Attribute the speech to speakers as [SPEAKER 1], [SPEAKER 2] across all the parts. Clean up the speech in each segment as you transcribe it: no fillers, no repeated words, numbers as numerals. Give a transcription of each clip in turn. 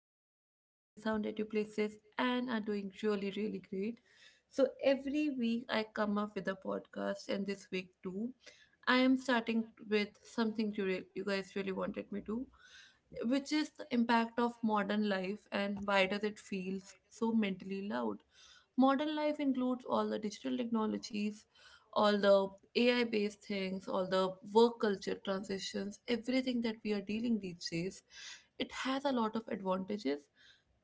[SPEAKER 1] you guys are safe and sound at your places and are doing really, really great. So, every week I come up with a podcast, and this week too. I am starting with something you guys really wanted me to, which is the impact of modern life and why does it feel so mentally loud? Modern life includes all the digital technologies, all the AI based things, all the work culture transitions, everything that we are dealing these days. It has a lot of advantages,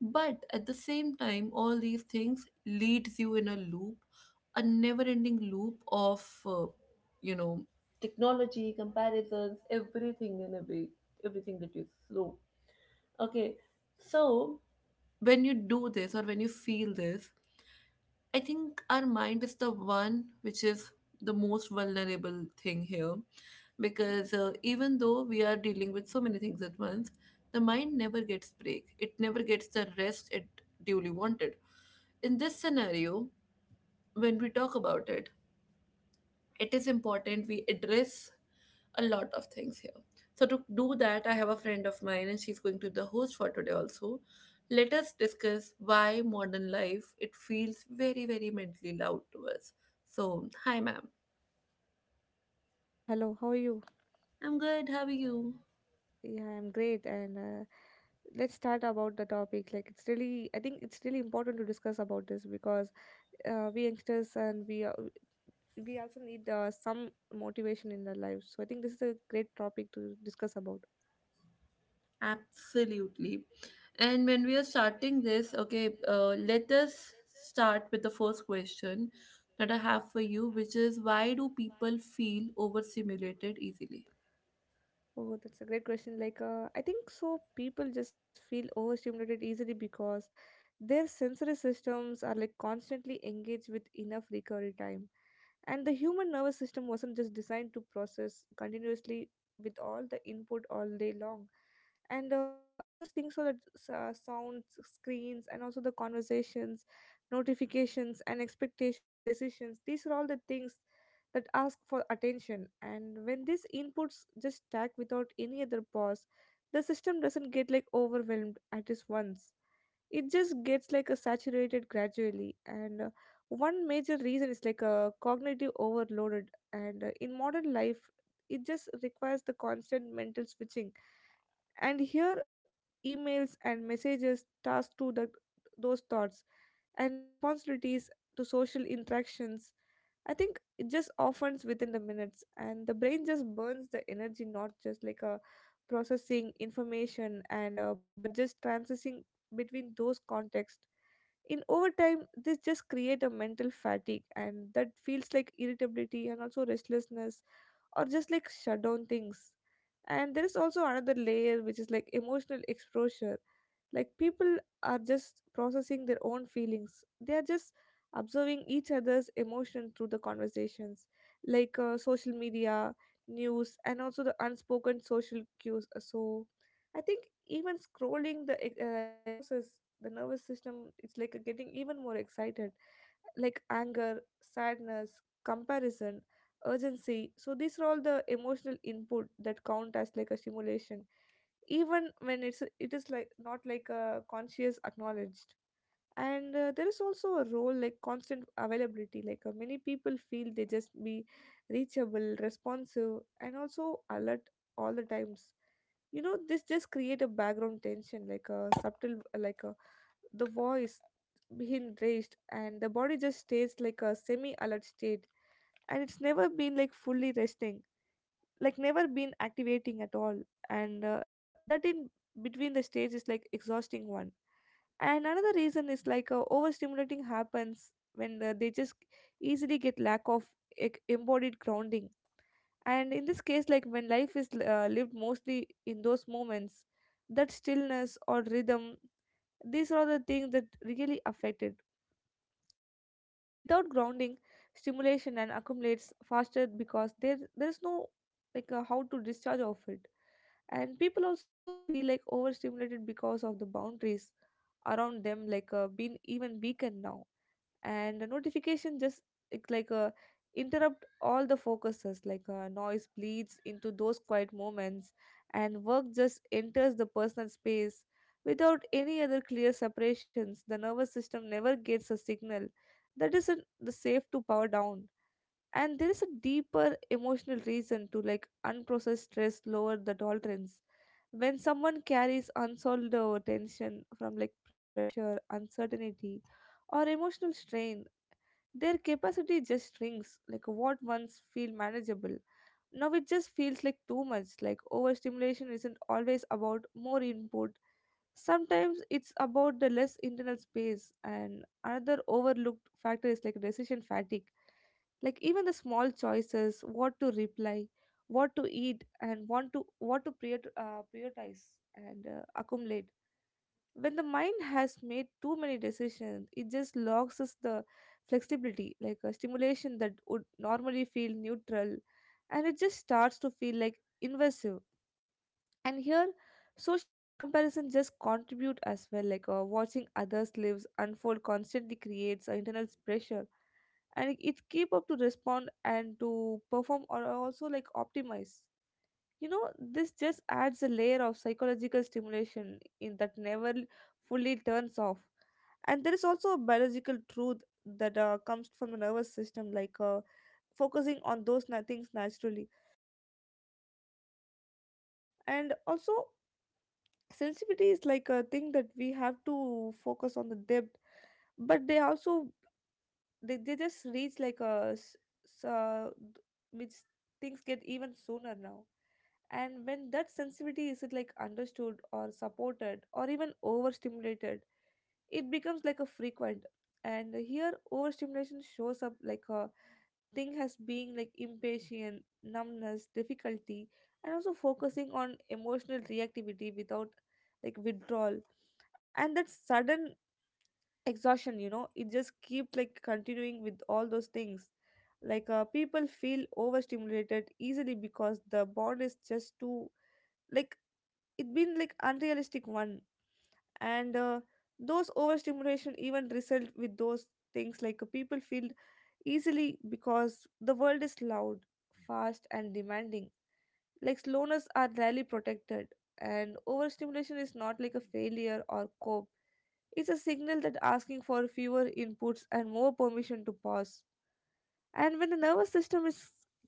[SPEAKER 1] but at the same time, all these things leads you in a loop, a never ending loop of, you know, technology, comparisons, everything that you slow. Okay, so when you do this or when you feel this, I think our mind is the one which is the most vulnerable thing here because even though we are dealing with so many things at once, the mind never gets break. It never gets the rest it duly wanted. In this scenario, when we talk about it, it is important we address a lot of things here. So to do that, I have a friend of mine and she's going to be the host for today also. Let us discuss why modern life it feels very, very mentally loud to us. So hi ma'am.
[SPEAKER 2] Yeah, hello. How are you?
[SPEAKER 1] I'm good, how are you?
[SPEAKER 2] Yeah, I'm great. And let's start about the topic. Like, I think it's really important to discuss about this because we youngsters and we also need some motivation in our lives. So I think this is a great topic to discuss about.
[SPEAKER 1] Absolutely. And when we are starting this, okay, let us start with the first question that I have for you, which is why do people feel overstimulated easily?
[SPEAKER 2] Oh, that's a great question. Like, I think so. People just feel overstimulated easily because their sensory systems are like constantly engaged with enough recovery time. And the human nervous system wasn't just designed to process continuously with all the input all day long. And I just think so that sounds, screens, and also the conversations, notifications, and expectations, decisions, these are all the things that ask for attention. And when these inputs just stack without any other pause, the system doesn't get like overwhelmed at just once. It just gets like a saturated gradually. And one major reason is like a cognitive overloaded. And in modern life, it just requires the constant mental switching. And here, emails and messages task to the those thoughts and responsibilities to social interactions, I think it just offends within the minutes, and the brain just burns the energy, not just like a processing information, and but just transitioning between those contexts. In overtime, this just create a mental fatigue, and that feels like irritability and also restlessness or just like shut down things. And there is also another layer which is like emotional exposure. Like, people are just processing their own feelings. They are just observing each other's emotion through the conversations, like social media, news, and also the unspoken social cues. So I think even scrolling the exposes the nervous system. It's like getting even more excited, like anger, sadness, comparison, urgency. So these are all the emotional input that count as like a stimulation, even when it is like not like a conscious acknowledged. And there is also a role like constant availability. Like, many people feel they just be reachable, responsive, and also alert all the times. You know, this just create a background tension, like a subtle, like a the voice been raised, and the body just stays like a semi alert state, and it's never been like fully resting, like never been activating at all. And that in between the stage is like exhausting one. And another reason is like overstimulating happens when they just easily get lack of embodied grounding. And in this case, like when life is lived mostly in those moments, that stillness or rhythm, these are the things that really affected, like without grounding, stimulation and accumulates faster, because there is no, like, how to discharge of it. And people also feel like overstimulated because of the boundaries around them, like being even weakened now. And the notification just, it's like interrupt all the focuses, like noise bleeds into those quiet moments, and work just enters the personal space without any other clear separations. The nervous system never gets a signal that isn't the safe to power down. And there is a deeper emotional reason to, like, unprocessed stress lower the tolerance. When someone carries unsolved tension from like pressure, uncertainty, or emotional strain, their capacity just shrinks, like what once feel manageable. Now it just feels like too much, like overstimulation isn't always about more input. Sometimes it's about the less internal space, and another overlooked factor is like decision fatigue. Like, even the small choices, what to reply, what to eat, and want to what to prioritize and accumulate, when the mind has made too many decisions, it just locks us the flexibility, like a stimulation that would normally feel neutral, and it just starts to feel like invasive. And here, social comparison just contribute as well, like watching others lives unfold constantly creates an internal pressure, and it keep up to respond and to perform or also like optimize. You know, this just adds a layer of psychological stimulation in that never fully turns off. And there is also a biological truth that comes from the nervous system, like focusing on those things naturally. And also, sensitivity is like a thing that we have to focus on the depth, but they also they just reach like a s- uh, th- which things get even sooner now. And when that sensitivity isn't like understood or supported or even overstimulated, it becomes like a frequent. And here, overstimulation shows up like a thing has being like impatient numbness difficulty, and also focusing on emotional reactivity without like withdrawal, and that sudden exhaustion. You know, it just keeps like continuing with all those things. Like, people feel overstimulated easily because the bond is just too, like, it been like unrealistic one. And those overstimulation even result with those things, like people feel easily because the world is loud, fast, and demanding, like slowness are rarely protected. And overstimulation is not like a failure or cope. It's a signal that asking for fewer inputs and more permission to pause. And when the nervous system is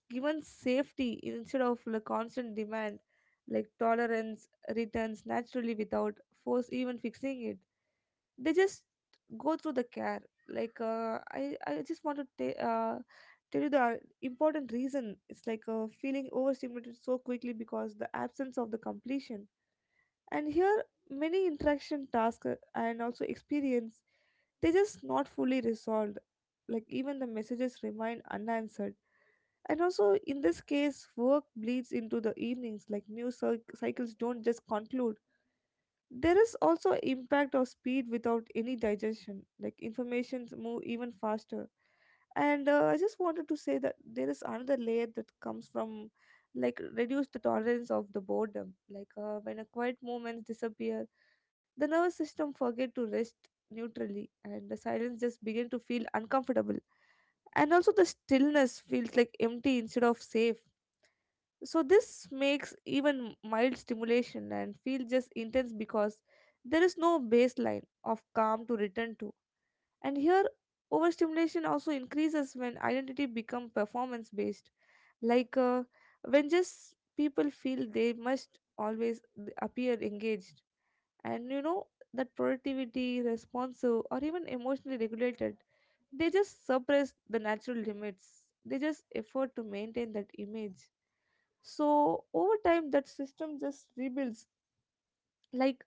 [SPEAKER 2] given safety instead of the constant demand, like tolerance returns naturally without force even fixing it. They just go through the care. Like, I just want to tell you the important reason. It's like feeling overstimulated so quickly because the absence of the completion. And here, many interaction tasks, and also experience, they just not fully resolved. Like, even the messages remain unanswered, and also, in this case, work bleeds into the evenings, like news cycles don't just conclude. There is also impact of speed without any digestion. Like, informations move even faster. And I just wanted to say that there is another layer that comes from like reduce the tolerance of the boredom. Like, when a quiet moments disappear, the nervous system forget to rest neutrally, and the silence just begin to feel uncomfortable. And also, the stillness feels like empty instead of safe, so this makes even mild stimulation and feel just intense because there is no baseline of calm to return to. And here, overstimulation also increases when identity become performance based, like when just people feel they must always appear engaged, and you know that productivity responsive or even emotionally regulated, they just suppress the natural limits, they just effort to maintain that image, so over time that system just rebuilds. Like,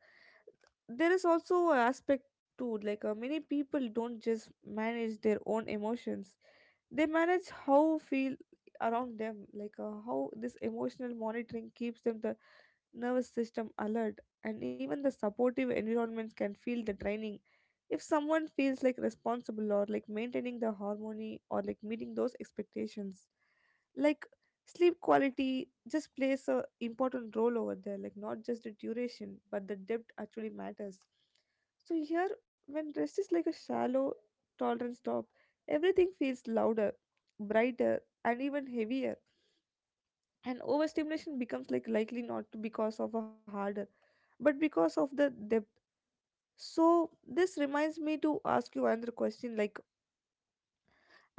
[SPEAKER 2] there is also an aspect too, like many people don't just manage their own emotions, they manage how feel around them, like how this emotional monitoring keeps them the nervous system alert, and even the supportive environments can feel the draining if someone feels like responsible or like maintaining the harmony or like meeting those expectations. Like, sleep quality just plays a important role over there, like not just the duration, but the depth actually matters. So here, when rest is like a shallow tolerance top, everything feels louder, brighter, and even heavier, and overstimulation becomes like likely not to because of a harder, but because of the depth. So this reminds me to ask you another question, like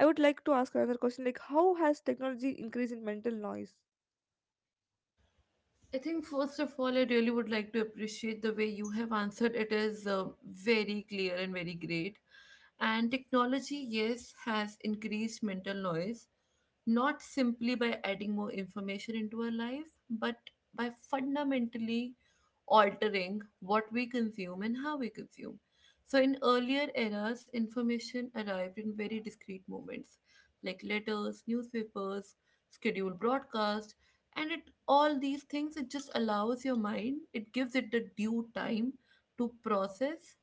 [SPEAKER 2] I would like to ask another question, like how has technology increased in mental noise?
[SPEAKER 1] I think first of all, I really would like to appreciate the way you have answered. It is very clear and very great. And technology, yes, has increased mental noise, not simply by adding more information into our life, but by fundamentally altering what we consume and how we consume. So, in earlier eras, information arrived in very discrete moments like letters, newspapers, scheduled broadcast, and it all these things it just allows your mind, it gives it the due time to process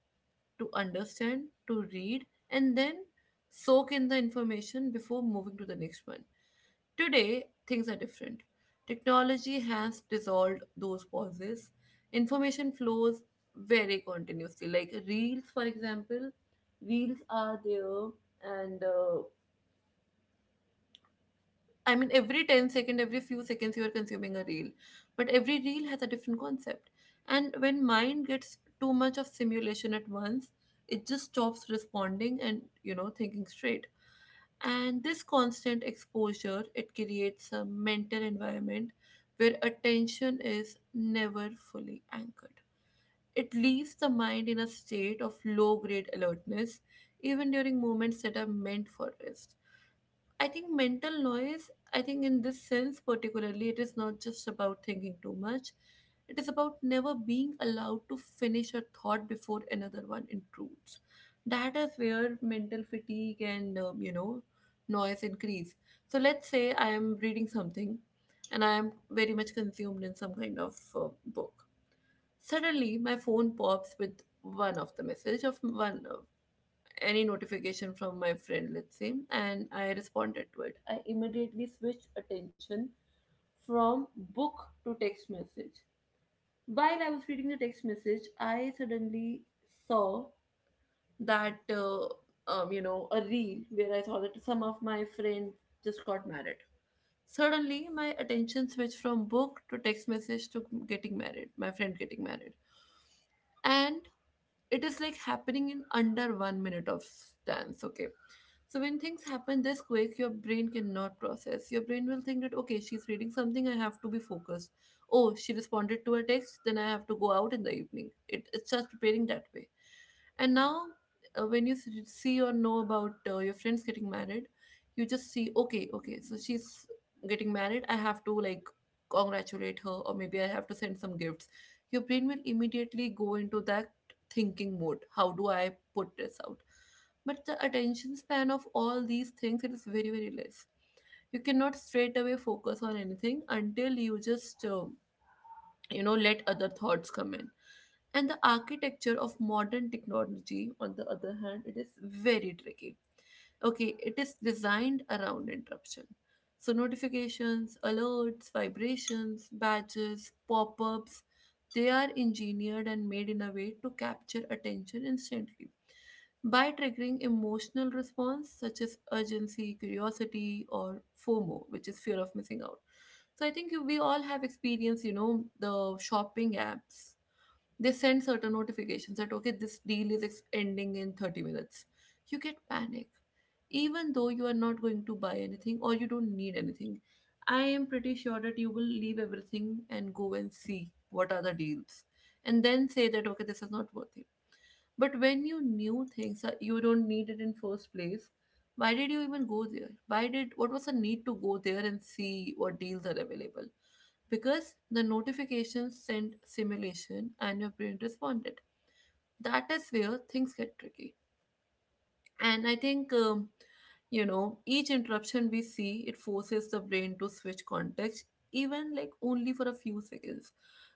[SPEAKER 1] to understand, to read, and then soak in the information before moving to the next one. Today, things are different. Technology has dissolved those pauses. Information flows very continuously. Like reels, for example, reels are there, and I mean, every 10 second, every few seconds, you are consuming a reel. But every reel has a different concept. And when mind gets too much of simulation at once, it just stops responding and, you know, thinking straight. And this constant exposure, it creates a mental environment where attention is never fully anchored. It leaves the mind in a state of low grade alertness, even during moments that are meant for rest. I think mental noise, I think in this sense particularly, it is not just about thinking too much. It is about never being allowed to finish a thought before another one intrudes. That is where mental fatigue and noise increase. So let's say I am reading something and I am very much consumed in some kind of book. Suddenly, my phone pops with one of the message of one any notification from my friend, let's say, and I responded to it. I immediately switched attention from book to text message. While I was reading the text message, I suddenly saw that you know a reel where I saw that some of my friends just got married. Suddenly, my attention switched from book to text message to getting married, my friend getting married, and it is like happening in under one minute of stance. Okay, so when things happen this quick, your brain cannot process. Your brain will think that okay, she's reading something, I have to be focused. Oh, she responded to a text, then I have to go out in the evening. It's just preparing that way. And now, when you see or know about your friends getting married, you just see, okay, okay, so she's getting married. I have to like congratulate her, or maybe I have to send some gifts. Your brain will immediately go into that thinking mode. How do I put this out? But the attention span of all these things it is very very less. You cannot straight away focus on anything until you just let other thoughts come in and the architecture of modern technology, on the other hand, it is very tricky. Okay, it is designed around interruption. So notifications, alerts, vibrations, badges, pop-ups, they are engineered and made in a way to capture attention instantly by triggering emotional response such as urgency, curiosity, or FOMO, which is fear of missing out. So I think we all have experienced, you know, the shopping apps they send certain notifications that, okay, this deal is ending in 30 minutes. You get panic, even though you are not going to buy anything or you don't need anything. I am pretty sure that you will leave everything and go and see what are the deals and then say that, okay, this is not worth it. But when you knew things that you don't need it in first place, why did you even go there? Why did what was the need to go there and see what deals are available? Because the notification sent simulation and your brain responded. That is where things get tricky. And I think each interruption we see, it forces the brain to switch context, even like only for a few seconds.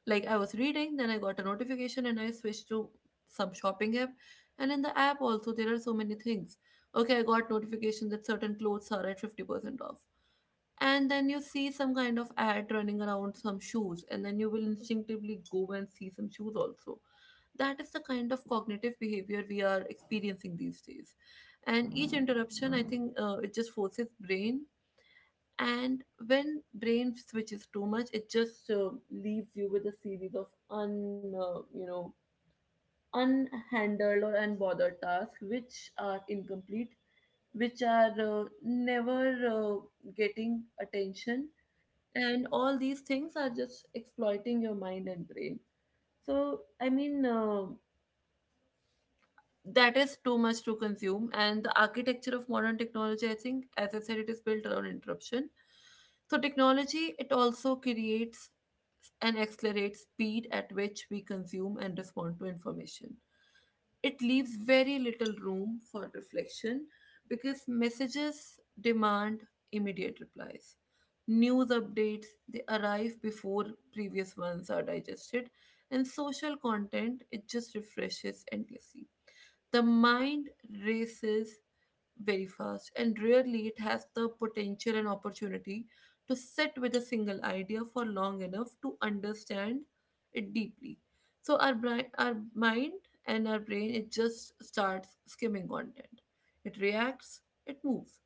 [SPEAKER 1] Like I was reading, then I got a notification and I switched to some shopping app. And in the app also, there are so many things. Okay, I got notification that certain clothes are at 50% off and then you see some kind of ad running around some shoes and then you will instinctively go and see some shoes also. That is the kind of cognitive behavior we are experiencing these days. And each interruption I think it just forces brain. And when brain switches too much it just leaves you with a series of un you know unhandled or unbothered tasks which are incomplete, which are never uh, getting attention and all these things are just exploiting your mind and brain. So I mean, that is too much to consume and the architecture of modern technology I think as I said it is built around interruption. So technology it also creates and accelerates speed at which we consume and respond to information. It leaves very little room for reflection because messages demand immediate replies. News updates they arrive before previous ones are digested, and social content it just refreshes endlessly. The mind races very fast, and rarely it has the potential and opportunity to sit with a single idea for long enough to understand it deeply. So our brain, our mind and our brain it just starts skimming content. It reacts, it moves.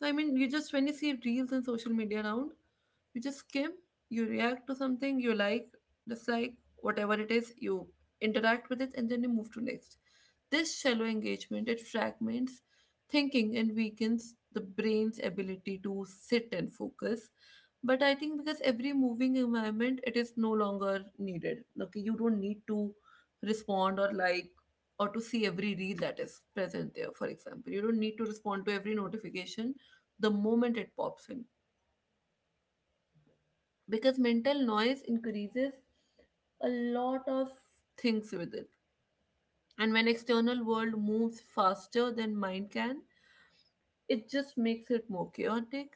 [SPEAKER 1] So I mean you just when you see reels and social media around, you just skim, you react to something you like, just like whatever it is you interact with it and then you move to next. This shallow engagement it fragments thinking and weakens the brain's ability to sit and focus. But I think because every moving environment it is no longer needed. Okay, you don't need to respond or like or to see every reel that is present there. For example, you don't need to respond to every notification the moment it pops in because mental noise increases a lot of things with it. And when external world moves faster than mind can, it just makes it more chaotic.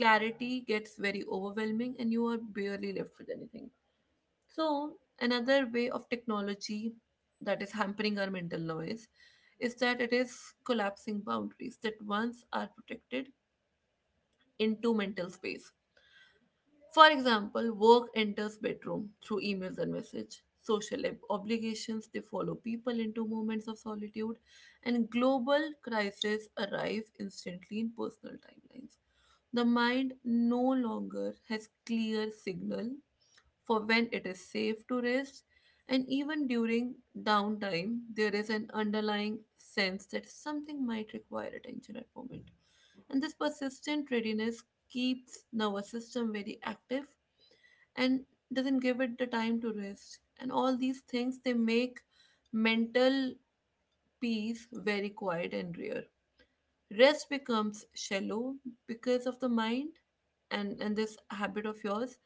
[SPEAKER 1] Clarity gets very overwhelming and you are barely left with anything. So another way of technology that is hampering our mental noise is that it is collapsing boundaries that once are protected into mental space. For example, work enters bedroom through emails and message. Social obligations they follow people into moments of solitude, and global crises arrive instantly in personal timelines. The mind no longer has clear signal for when it is safe to rest, and even during downtime, there is an underlying sense that something might require attention at moment. And this persistent readiness keeps nervous system very active and doesn't give it the time to rest and all these things they make mental peace very quiet and rare. Rest becomes shallow because of the mind and this habit of yours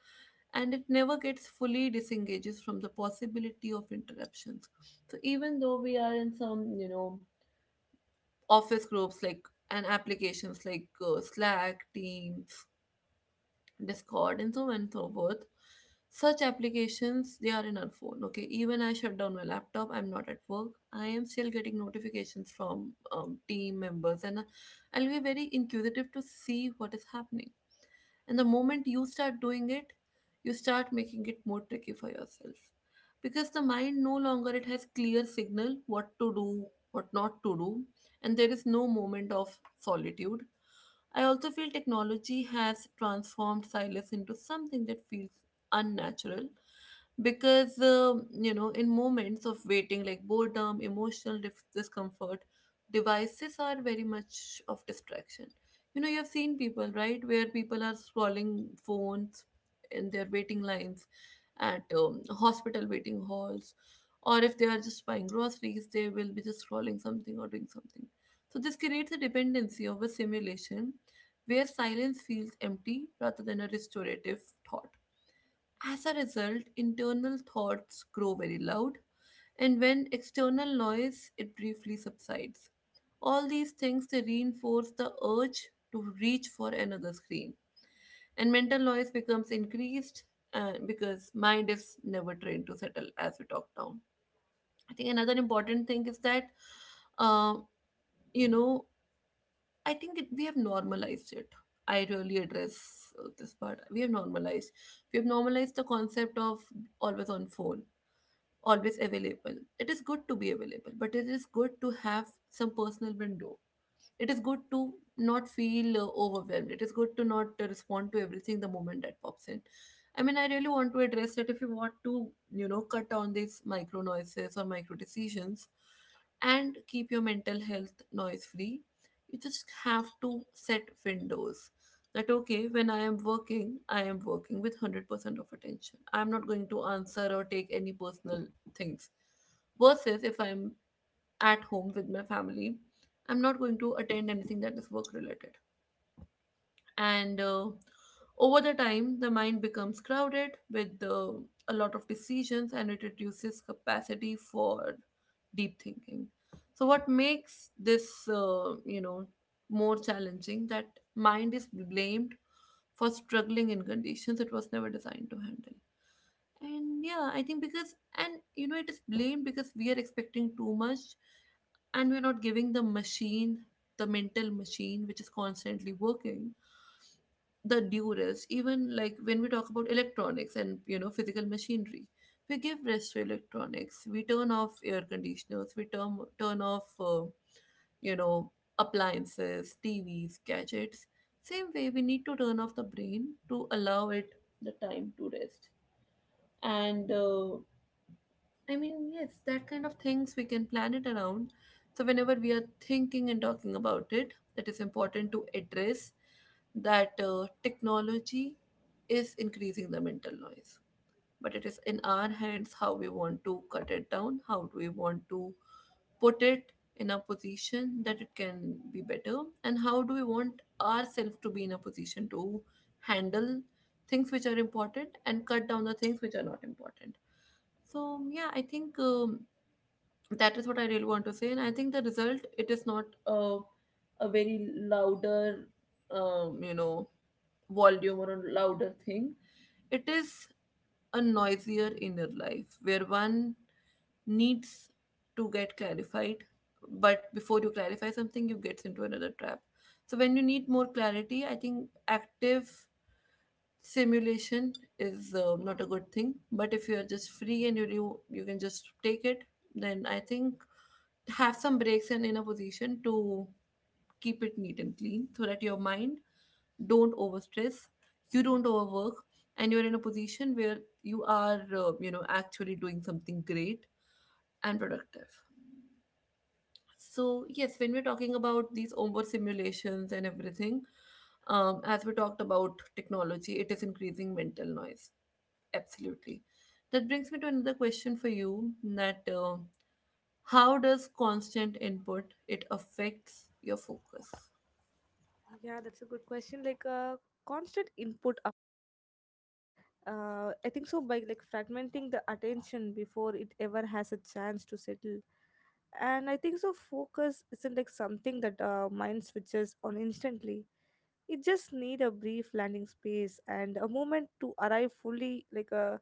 [SPEAKER 1] and it never gets fully disengages from the possibility of interruptions. So even though we are in some you know office groups like and applications like slack teams, Discord, and so on and so forth. Such applications they are in our phone. Okay, even I shut down my laptop. I'm not at work. I am still getting notifications from team members, and I'll be very inquisitive to see what is happening. And the moment you start doing it, you start making it more tricky for yourself, because the mind no longer it has clear signal what to do, what not to do, and there is no moment of solitude. I also feel technology has transformed silence into something that feels unnatural, because in moments of waiting like boredom, emotional discomfort, devices are very much of distraction. You know, you've seen people, right, where people are scrolling phones in their waiting lines, at hospital waiting halls, or if they are just buying groceries, they will be just scrolling something or doing something. So this creates a dependency of a simulation where silence feels empty rather than a restorative thought. As a result, internal thoughts grow very loud, and when external noise it briefly subsides. All these things they reinforce the urge to reach for another screen, and mental noise becomes increased, because mind is never trained to settle as we talk down. I think another important thing is that, uh, you know I think we have normalized it. I really address this part. We have normalized. We have normalized the concept of always on phone, always available. It is good to be available, but it is good to have some personal window. It is good to not feel overwhelmed. It is good to not respond to everything the moment that pops in. I mean, I really want to address that if you want to, you know, cut down these micro noises or micro decisions and keep your mental health noise free, you just have to set windows. That okay, when I am working, I am working with 100% of attention. I'm not going to answer or take any personal things, versus if I'm at home with my family. I'm not going to attend anything that is work related. And over the time, the mind becomes crowded with a lot of decisions, and it reduces capacity for deep thinking. So what makes this, more challenging that mind is blamed for struggling in conditions it was never designed to handle. And yeah, I think because, and you know, it is blamed because we are expecting too much, and we're not giving the machine, the mental machine, which is constantly working, the due rest. Even like when we talk about electronics and, you know, physical machinery, we give rest to electronics. We turn off air conditioners, we turn off, you know, appliances, TVs, gadgets. Same way, we need to turn off the brain to allow it the time to rest. And I mean, yes, that kind of things we can plan it around. So whenever we are thinking and talking about it, that is important to address that technology is increasing the mental noise. But it is in our hands how we want to cut it down, how do we want to put it in a position that it can be better, and how do we want ourselves to be in a position to handle things which are important and cut down the things which are not important. So yeah, I think that is what I really want to say, and I think the result it is not a very louder um, you know volume or a louder thing. It is a noisier inner life where one needs to get clarified, but before you clarify something, you get into another trap. So when you need more clarity, I think active simulation is not a good thing. But if you are just free and you can just take it, then I think have some breaks and in a position to keep it neat and clean, so that your mind don't overstress, you don't overwork, and you're in a position where you are, actually doing something great and productive. So yes, when we're talking about these over simulations and everything, as we talked about, technology, it is increasing mental noise. Absolutely. That brings me to another question for you, that how does constant input it affects your focus?
[SPEAKER 2] Yeah, that's a good question. Like, constant input, I think so by like fragmenting the attention before it ever has a chance to settle. And I think so focus isn't like something that mind switches on instantly. It just need a brief landing space and a moment to arrive fully, like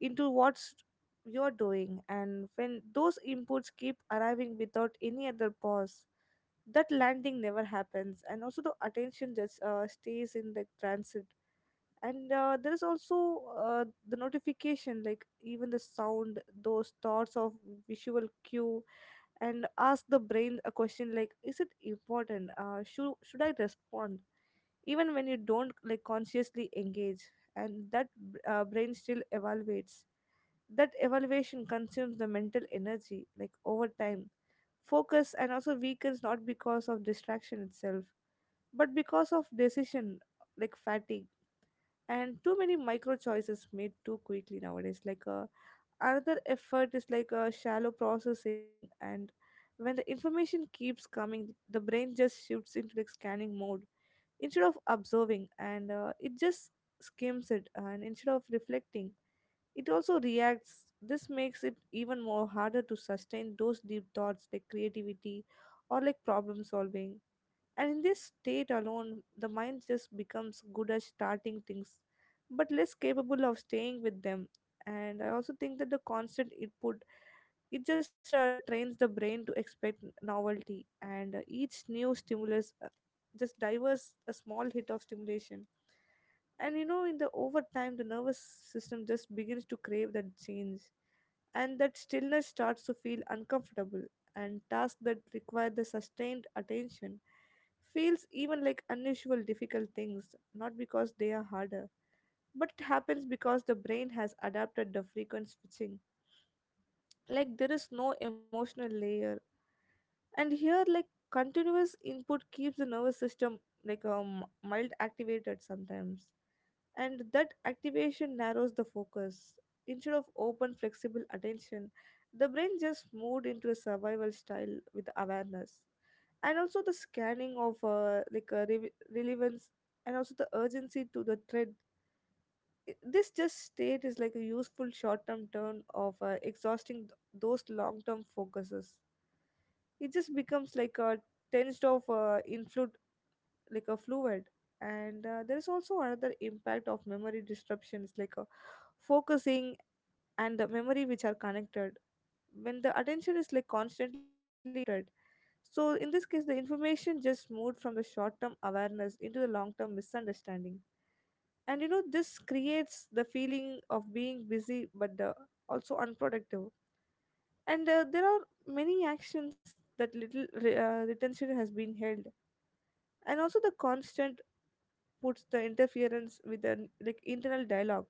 [SPEAKER 2] into what's you're doing. And when those inputs keep arriving without any other pause, that landing never happens. And also the attention just stays in the transit. And there is also the notification, like even the sound, those thoughts of visual cue, and ask the brain a question like, is it important, should I respond, even when you don't like consciously engage, and that brain still evaluates, that evaluation consumes the mental energy, like over time focus and also weakens, not because of distraction itself, but because of decision, like fatigue, and too many micro choices made too quickly nowadays. Like, another effort is like shallow processing. And when the information keeps coming, the brain just shifts into like scanning mode instead of observing, and it just skims it and instead of reflecting it also reacts. This makes it even more harder to sustain those deep thoughts like creativity or like problem solving. And in this state alone, the mind just becomes good at starting things, but less capable of staying with them. And I also think that the constant input it just trains the brain to expect novelty, and each new stimulus just diverts a small hit of stimulation. And you know, in the over time, the nervous system just begins to crave that change, and that stillness starts to feel uncomfortable, and tasks that require the sustained attention feels even like unusual difficult things, not because they are harder but it happens because the brain has adapted the frequent switching. Like there is no emotional layer, and here, like, continuous input keeps the nervous system like mild activated sometimes, and that activation narrows the focus instead of open flexible attention. The brain just moved into a survival style with awareness and also the scanning of like relevance and also the urgency to the thread. This just state is like a useful short-term turn of exhausting those long-term focuses. It just becomes like a tensed of influ, like a fluid. And there is also another impact of memory disruptions, like focusing and the memory which are connected when the attention is like constantly interrupted. So in this case the information just moved from the short term awareness into the long term misunderstanding. And you know this creates the feeling of being busy but the also unproductive. And there are many actions that little retention has been held. And also the constant puts the interference with the like internal dialogue.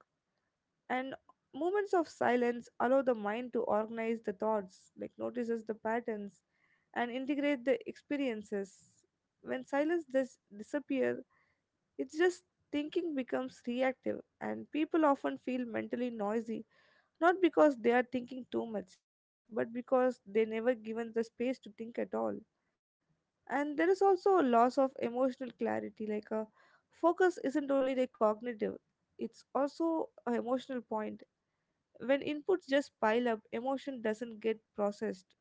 [SPEAKER 2] And moments of silence allow the mind to organize the thoughts, like notices the patterns and integrate the experiences. When silence does disappear, it's just thinking becomes reactive and people often feel mentally noisy, not because they are thinking too much but because they never given the space to think at all. And there is also a loss of emotional clarity, like a focus isn't only the cognitive, it's also an emotional point. When inputs just pile up, emotion doesn't get processed.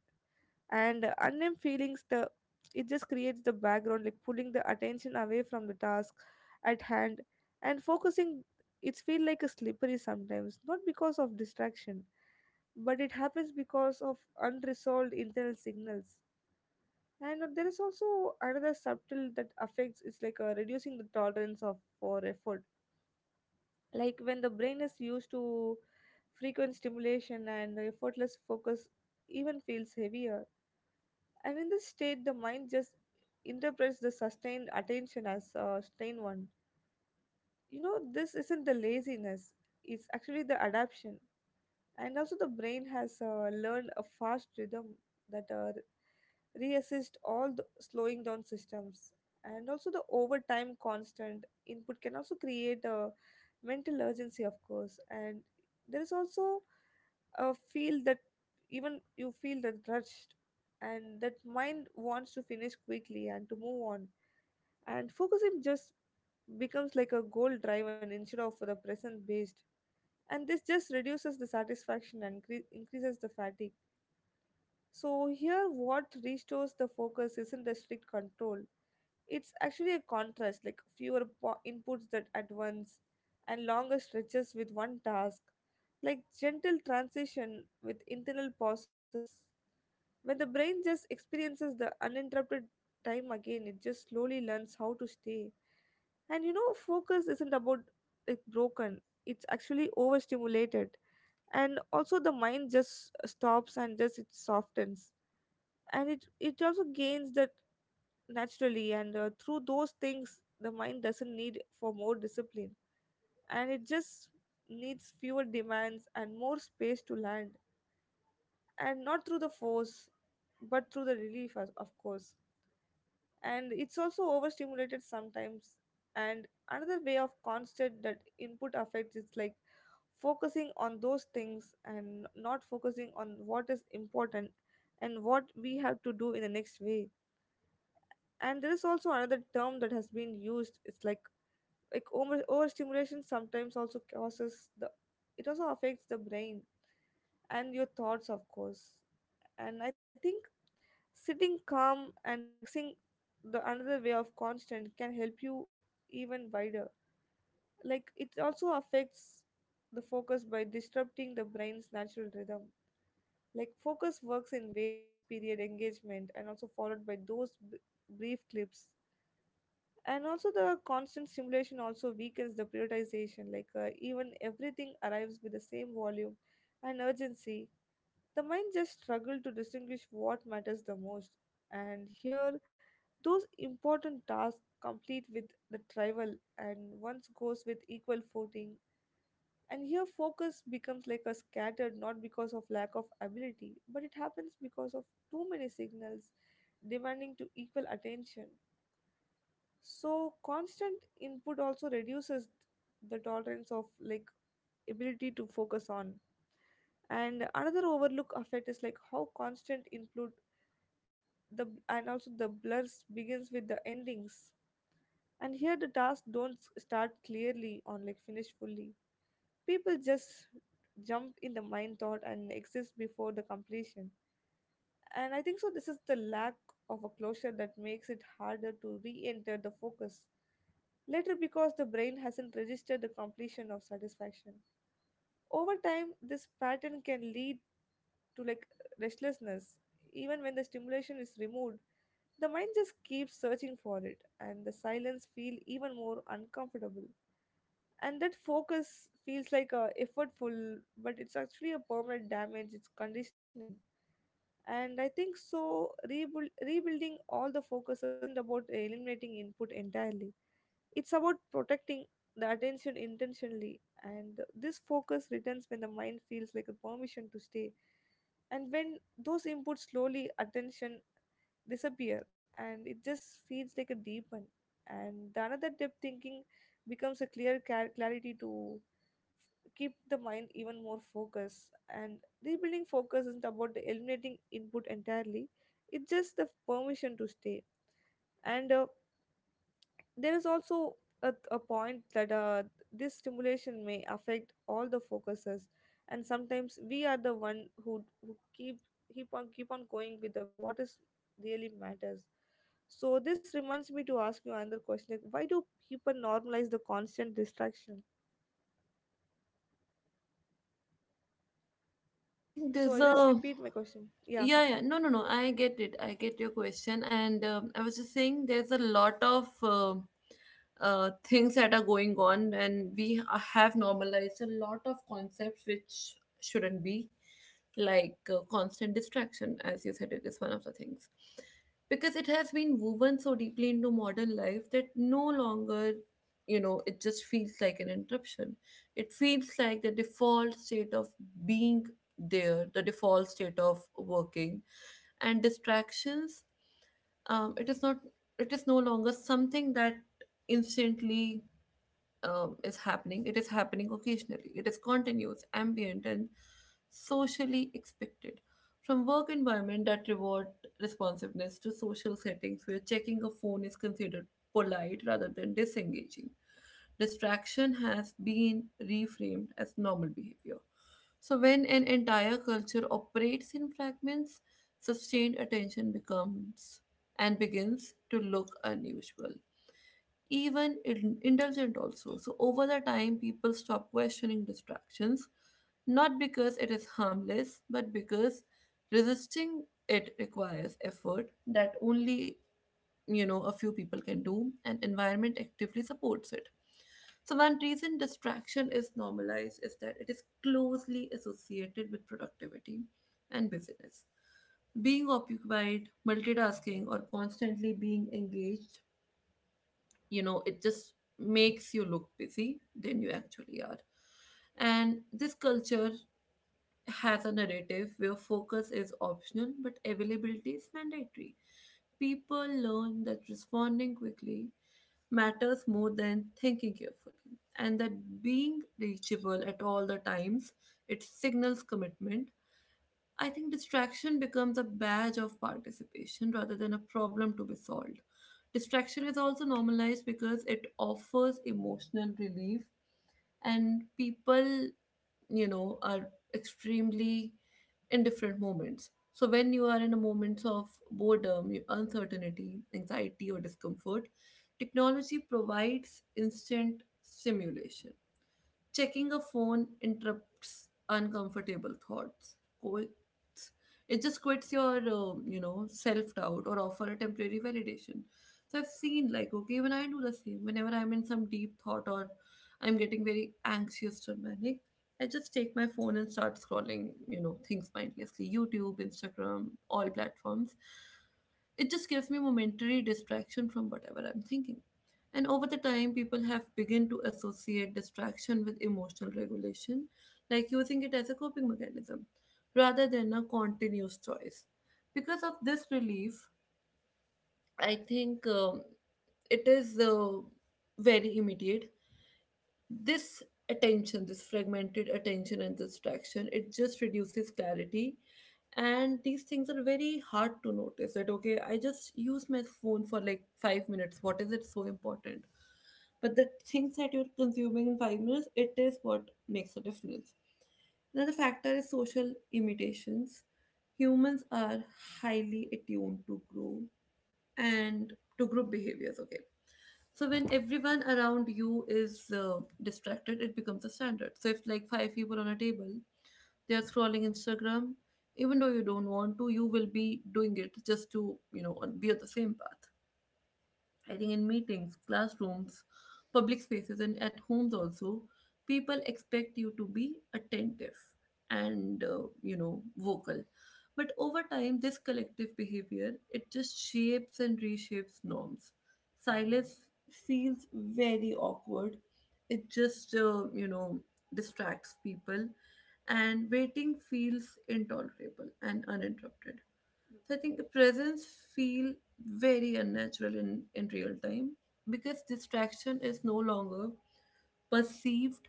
[SPEAKER 2] And unnamed feelings, the it just creates the background like pulling the attention away from the task at hand. And focusing, it's feel like a slippery sometimes, not because of distraction but it happens because of unresolved internal signals. And there is also another subtle that affects is like reducing the tolerance of for effort. Like when the brain is used to frequent stimulation and effortless focus, even feels heavier. And in this state the mind just interprets the sustained attention as a strained one. You know this isn't the laziness, it's actually the adaption. And also the brain has learned a fast rhythm that reassist all the slowing down systems. And also the overtime constant input can also create a mental urgency, of course. And there is also a feel that even you feel that rushed, and that mind wants to finish quickly and to move on. And focusing just becomes like a goal driven instead of the present based, and this just reduces the satisfaction and increases the fatigue. So here what restores the focus isn't the strict control, it's actually a contrast, like fewer inputs that at once and longer stretches with one task, like gentle transition with internal pauses. When the brain just experiences the uninterrupted time again, it just slowly learns how to stay. And you know focus isn't about like broken, it's actually overstimulated. And also the mind just stops and just it softens, and it also gains that naturally. And through those things the mind doesn't need for more discipline, and it just needs fewer demands and more space to land, and not through the force but through the relief, as- of course. And it's also overstimulated sometimes. And another way of constant that input affects is like focusing on those things and not focusing on what is important and what we have to do in the next way. And there is also another term that has been used, it's like overstimulation sometimes also causes the, it also affects the brain and your thoughts, of course. And I think sitting calm and relaxing, the another way of constant can help you even wider. Like it also affects the focus by disrupting the brain's natural rhythm. Like focus works in waves, period, engagement, and also followed by those brief clips. And also the constant stimulation also weakens the prioritization. Like even everything arrives with the same volume and urgency. The mind just struggles to distinguish what matters the most. And here those important tasks complete with the tribal and once goes with equal footing. And here focus becomes like a scattered, not because of lack of ability, but it happens because of too many signals demanding to equal attention. So constant input also reduces the tolerance of, like, ability to focus on. And another overlook effect is like how constant input the and also the blurs begins with the endings. And here the tasks don't start clearly or like finish fully. People just jump in the mind thought and exist before the completion. And I think so this is the lack of a closure that makes it harder to re-enter the focus later, because the brain hasn't registered the completion of satisfaction. Over time this pattern can lead to like restlessness. Even when the stimulation is removed, the mind just keeps searching for it and the silence feel even more uncomfortable, and that focus feels like a effortful, but it's actually a permanent damage, it's conditioning. And I think so rebuilding all the focuses isn't about eliminating input entirely, it's about protecting the attention intentionally. And this focus returns when the mind feels like a permission to stay, and when those inputs slowly attention disappear and it just feels like a deep one. And the another depth thinking becomes a clarity to keep the mind even more focused. And rebuilding focus isn't about the eliminating input entirely, it's just the permission to stay. And there is also a point that this stimulation may affect all the focuses, and sometimes we are the one who keep keep on going with the what is really matters. So this reminds me to ask you another question, like why do people normalize the constant distraction?
[SPEAKER 1] I think
[SPEAKER 2] So
[SPEAKER 1] there's
[SPEAKER 2] I just
[SPEAKER 1] a
[SPEAKER 2] repeat my question, yeah.
[SPEAKER 1] yeah, yeah. No, no, no. I get it. I get your question, and I was just saying there's a lot of things that are going on, and we have normalized a lot of concepts which shouldn't be, like constant distraction, as you said, it is one of the things. Because it has been woven so deeply into modern life that no longer, you know, it just feels like an interruption. It feels like the default state of being, there the default state of working. And distractions, it is not, it is no longer something that instantly is happening, it is happening occasionally. It is continuous, ambient, and socially expected. From work environment that reward responsiveness, to social settings where checking a phone is considered polite rather than disengaging. Distraction has been reframed as normal behavior. So when an entire culture operates in fragments, sustained attention becomes and begins to look unusual, even indulgent also. So over the time, people stop questioning distractions, not because it is harmless, but because resisting it requires effort that only, you know, a few people can do, and environment actively supports it. So one reason distraction is normalized is that it is closely associated with productivity and busyness. Being occupied, multitasking, or constantly being engaged, you know, it just makes you look busy than you actually are. And this culture has a narrative where focus is optional but availability is mandatory. People learn that responding quickly matters more than thinking carefully, and that being reachable at all the times it signals commitment. I think distraction becomes a badge of participation rather than a problem to be solved. Distraction is also normalized because it offers emotional relief, and people, you know, are extremely in different moments. So when you are in a moment of boredom, uncertainty, anxiety, or discomfort, technology provides instant stimulation. Checking a phone interrupts uncomfortable thoughts. Quits. It just quits your, self doubt or offer a temporary validation. So I've seen like, okay, even I do the same. Whenever I'm in some deep thought, or I'm getting very anxious or manic, I just take my phone and start scrolling, you know, things mindlessly. YouTube, Instagram, all platforms. It just gives me momentary distraction from whatever I'm thinking. And over the time, people have begun to associate distraction with emotional regulation, like using it as a coping mechanism, rather than a continuous choice. Because of this relief, I think it is very immediate. This attention, this fragmented attention and distraction, it just reduces clarity. And these things are very hard to notice, that okay, I just use my phone for like 5 minutes, what is it so important? But the things that you're consuming in 5 minutes, it is what makes a difference. Another factor is social imitations. Humans are highly attuned to grow and to group behaviors, okay? So when everyone around you is distracted, it becomes a standard. So if like 5 people on a table, they are scrolling Instagram, even though you don't want to, you will be doing it just to, you know, be on the same path. I think in meetings, classrooms, public spaces, and at homes also, people expect you to be attentive and, vocal. But over time, this collective behavior it just shapes and reshapes norms. Silence feels very awkward. It just, distracts people, and waiting feels intolerable and uninterrupted. So I think the presence feel very unnatural in real time, because distraction is no longer perceived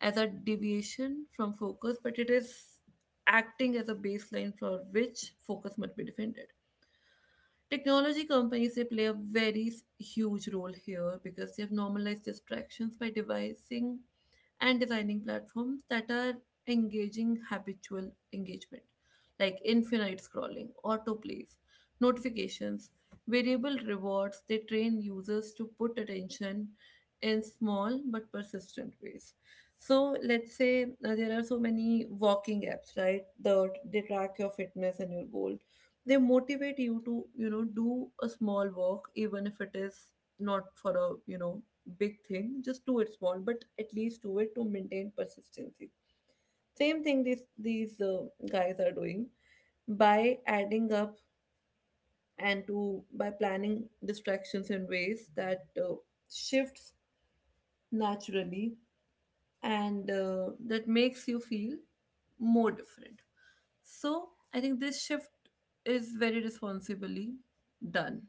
[SPEAKER 1] as a deviation from focus, but it is acting as a baseline for which focus must be defended. Technology companies they play a very huge role here, because they have normalized distractions by devising and designing platforms that are engaging habitual engagement, like infinite scrolling, autoplays, notifications, variable rewards. They train users to put attention in small but persistent ways. So let's say there are so many walking apps, right? They track your fitness and your goals. They motivate you to do a small work even if it is not for a big thing. Just do it small, but at least do it to maintain persistency. Same thing these guys are doing, by adding up and to by planning distractions in ways that shifts naturally, and that makes you feel more different. So I think this shift is very responsibly done,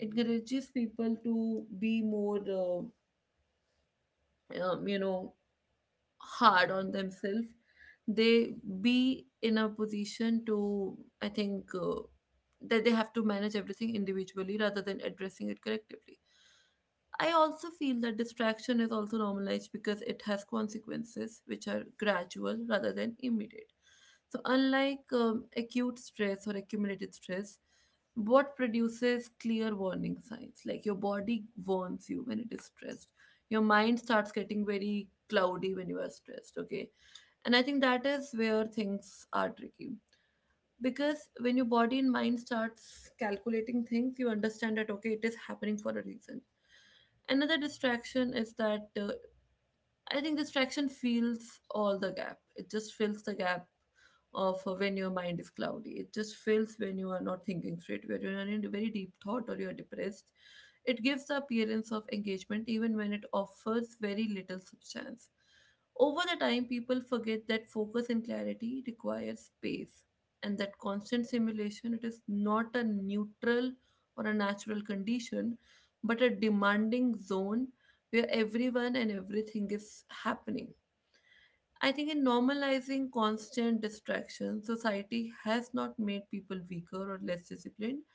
[SPEAKER 1] encourages people to be more um, you know hard on themselves. They be in a position to, I think, that they have to manage everything individually rather than addressing it collectively. I also feel that distraction is also normalized because it has consequences which are gradual rather than immediate. So, unlike acute stress or accumulated stress, what produces clear warning signs? Like your body warns you when it is stressed. Your mind starts getting very cloudy when you are stressed, okay? And I think that is where things are tricky. Because when your body and mind starts calculating things, you understand that, okay, it is happening for a reason. Another distraction is that, I think distraction fills all the gap. It just fills the gap of, when your mind is cloudy. It just fills when you are not thinking straight, when you're in a very deep thought or you're depressed. It gives the appearance of engagement even when it offers very little substance. Over the time, people forget that focus and clarity require space, and that constant simulation, it is not a neutral or a natural condition, but a demanding zone where everyone and everything is happening. I think in normalizing constant distraction, society has not made people weaker or less disciplined.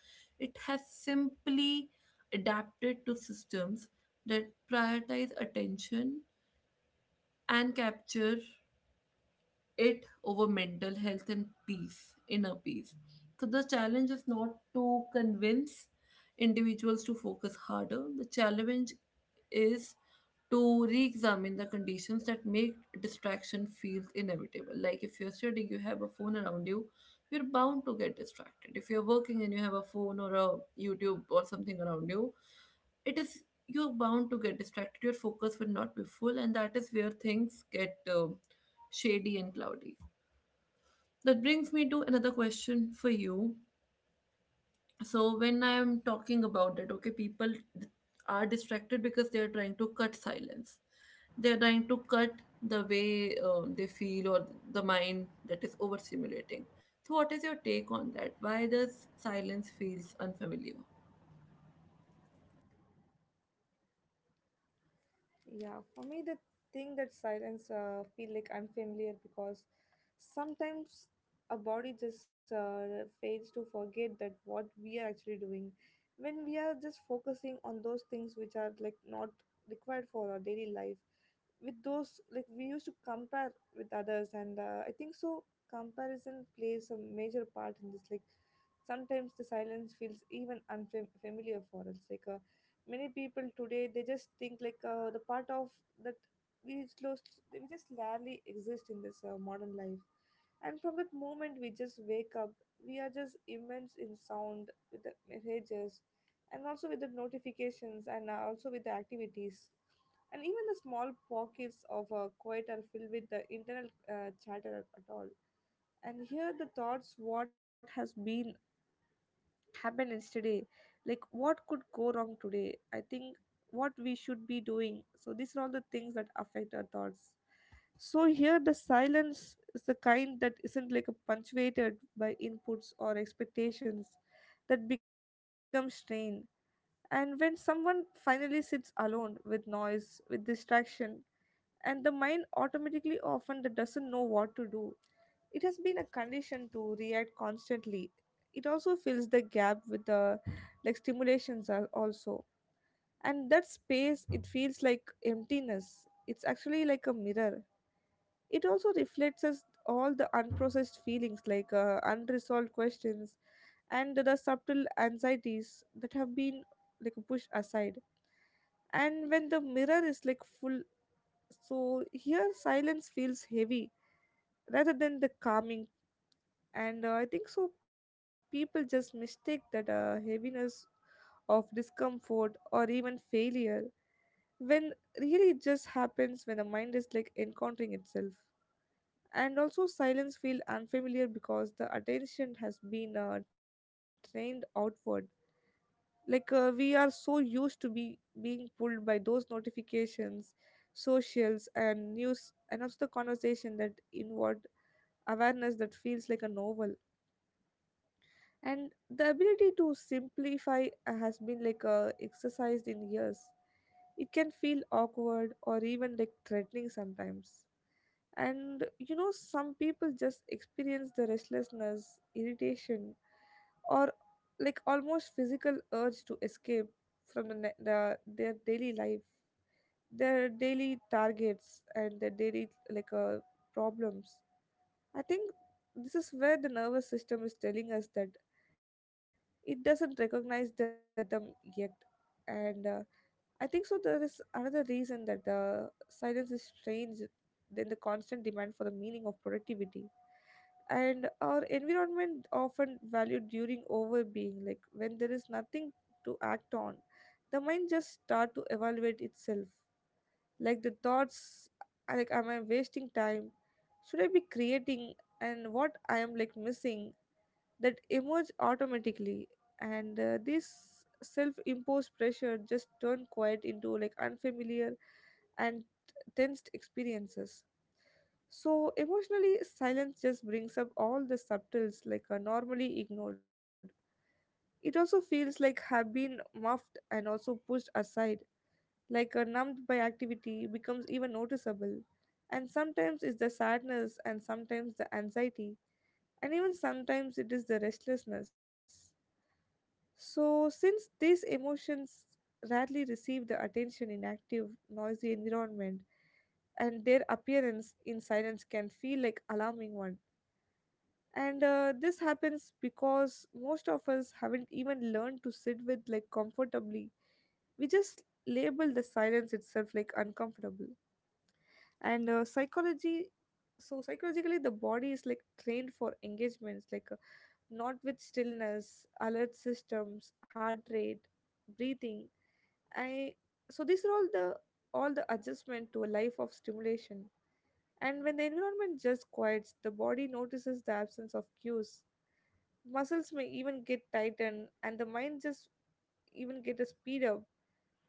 [SPEAKER 1] It has simply adapted to systems that prioritize attention and capture it over mental health and peace, inner peace. So the challenge is not to convince individuals to focus harder. The challenge is to re-examine the conditions that make distraction feel inevitable. Like if you're studying, you have a phone around you, you're bound to get distracted. If you're working and you have a phone or a YouTube or something around you, it is, you're bound to get distracted. Your focus will not be full, and that is where things get shady and cloudy. That brings me to another question for you. So when I am talking about that, okay, people d- are distracted because they are trying to cut silence, they are trying to cut the way they feel, or the mind that is overstimulating. So what is your take on that? Why does silence feels unfamiliar?
[SPEAKER 2] Yeah, for me, the thing that silence feel like I'm familiar, because sometimes our body just fails to forget that what we are actually doing when we are just focusing on those things which are like not required for our daily life. With those, like, we used to compare with others, and I think so comparison plays a major part in this. Like sometimes the silence feels even unfamiliar for us, like many people today they just think like the part of that we just rarely exist in this modern life. And from that moment we just wake up, we are just immense in sound with the messages, and also with the notifications, and also with the activities. And even the small pockets of a quiet are filled with the internal chatter at all. And here the thoughts what has been happened yesterday, like what could go wrong today. I think what we should be doing. So these are all the things that affect our thoughts. So here the silence is the kind that isn't like a punctuated by inputs or expectations, that becomes strained. And when someone finally sits alone with noise, with distraction, and the mind automatically often that doesn't know what to do, it has been a condition to react constantly. It also fills the gap with the like stimulations are also, and that space, it feels like emptiness, it's actually like a mirror. It also reflects us all the unprocessed feelings, like unresolved questions and the subtle anxieties that have been like pushed aside. And when the mirror is like full, so here silence feels heavy rather than the calming, and I think so people just mistake that heaviness of discomfort or even failure, when really it just happens when the mind is like encountering itself. And also silence feel unfamiliar because the attention has been trained outward. Like we are so used to be being pulled by those notifications, socials and news and also the conversation, that inward awareness that feels like a novel. And the ability to simplify has been like exercised in years, it can feel awkward or even like threatening sometimes. And you know some people just experience the restlessness, irritation, or like almost physical urge to escape from the their daily life, their daily targets, and their daily like problems. I think this is where the nervous system is telling us that it doesn't recognize the rhythm yet. And I think so, there is another reason that the silence is strange than the constant demand for the meaning of productivity. And our environment often valued during overbeing, like when there is nothing to act on, the mind just start to evaluate itself. Like the thoughts, like am I wasting time? Should I be creating? And what I am like missing? That emerge automatically, and this self-imposed pressure just turn quiet into like unfamiliar and tensed experiences. So emotionally silence just brings up all the subtles like are normally ignored. It also feels like have been muffed and also pushed aside, like a numbed by activity becomes even noticeable. And sometimes it's the sadness, and sometimes the anxiety, and even sometimes it is the restlessness. So, since these emotions rarely receive the attention in active, noisy environment, and their appearance in silence can feel like alarming one. And This happens because most of us haven't even learned to sit with like comfortably. We just label the silence itself like uncomfortable. And uh, psychology, so psychologically, the body is like trained for engagements like. Not with stillness, alert systems, heart rate, breathing. I So these are all the adjustment to a life of stimulation. And when the environment just quiets, the body notices the absence of cues. Muscles may even get tightened, and the mind just even get a speed up,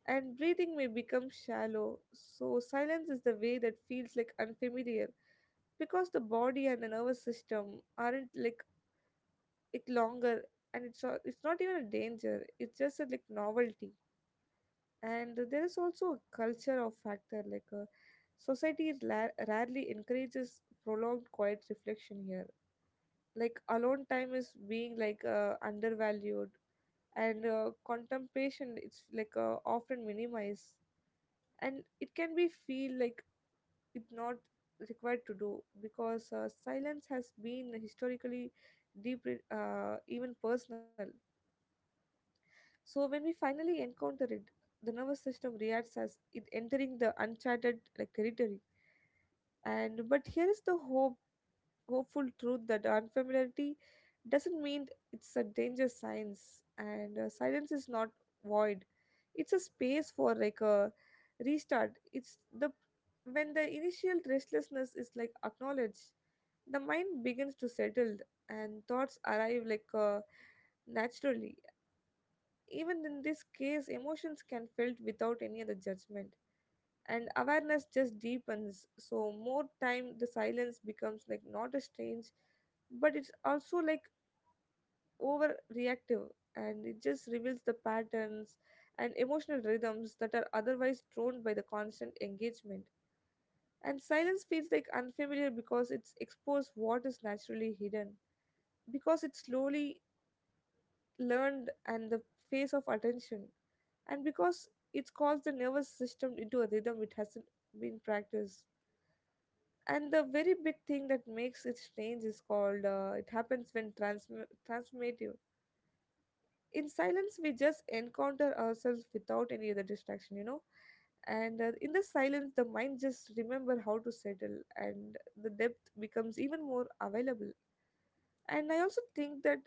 [SPEAKER 2] and breathing may become shallow. So silence is the way that feels like unfamiliar because the body and the nervous system aren't like it longer. And it's all, it's not even a danger, it's just a like novelty. And there is also a culture of factor like society is rarely encourages prolonged quiet reflection here, like alone time is being like undervalued, and contemplation it's like often minimized, and it can be feel like it's not required to do because silence has been historically deep, even personal. So when we finally encounter it, the nervous system reacts as it entering the uncharted like territory. And but here is the hope, hopeful truth that unfamiliarity doesn't mean it's a danger science, and silence is not void. It's a space for like a restart. It's the when the initial restlessness is like acknowledged, the mind begins to settle and thoughts arrive like naturally. Even in this case, emotions can felt without any other judgment, and awareness just deepens. So more time, the silence becomes like not a strange, but it's also like overreactive, and it just reveals the patterns and emotional rhythms that are otherwise thrown by the constant engagement. And silence feels like unfamiliar because it's exposed what is naturally hidden, because it's slowly learned and the face of attention, and because it calls the nervous system into a rhythm it hasn't been practiced. And the very big thing that makes it strange is called it happens when transformative. In silence we just encounter ourselves without any other distraction, you know. And in the silence the mind just remember how to settle, and the depth becomes even more available. And I also think that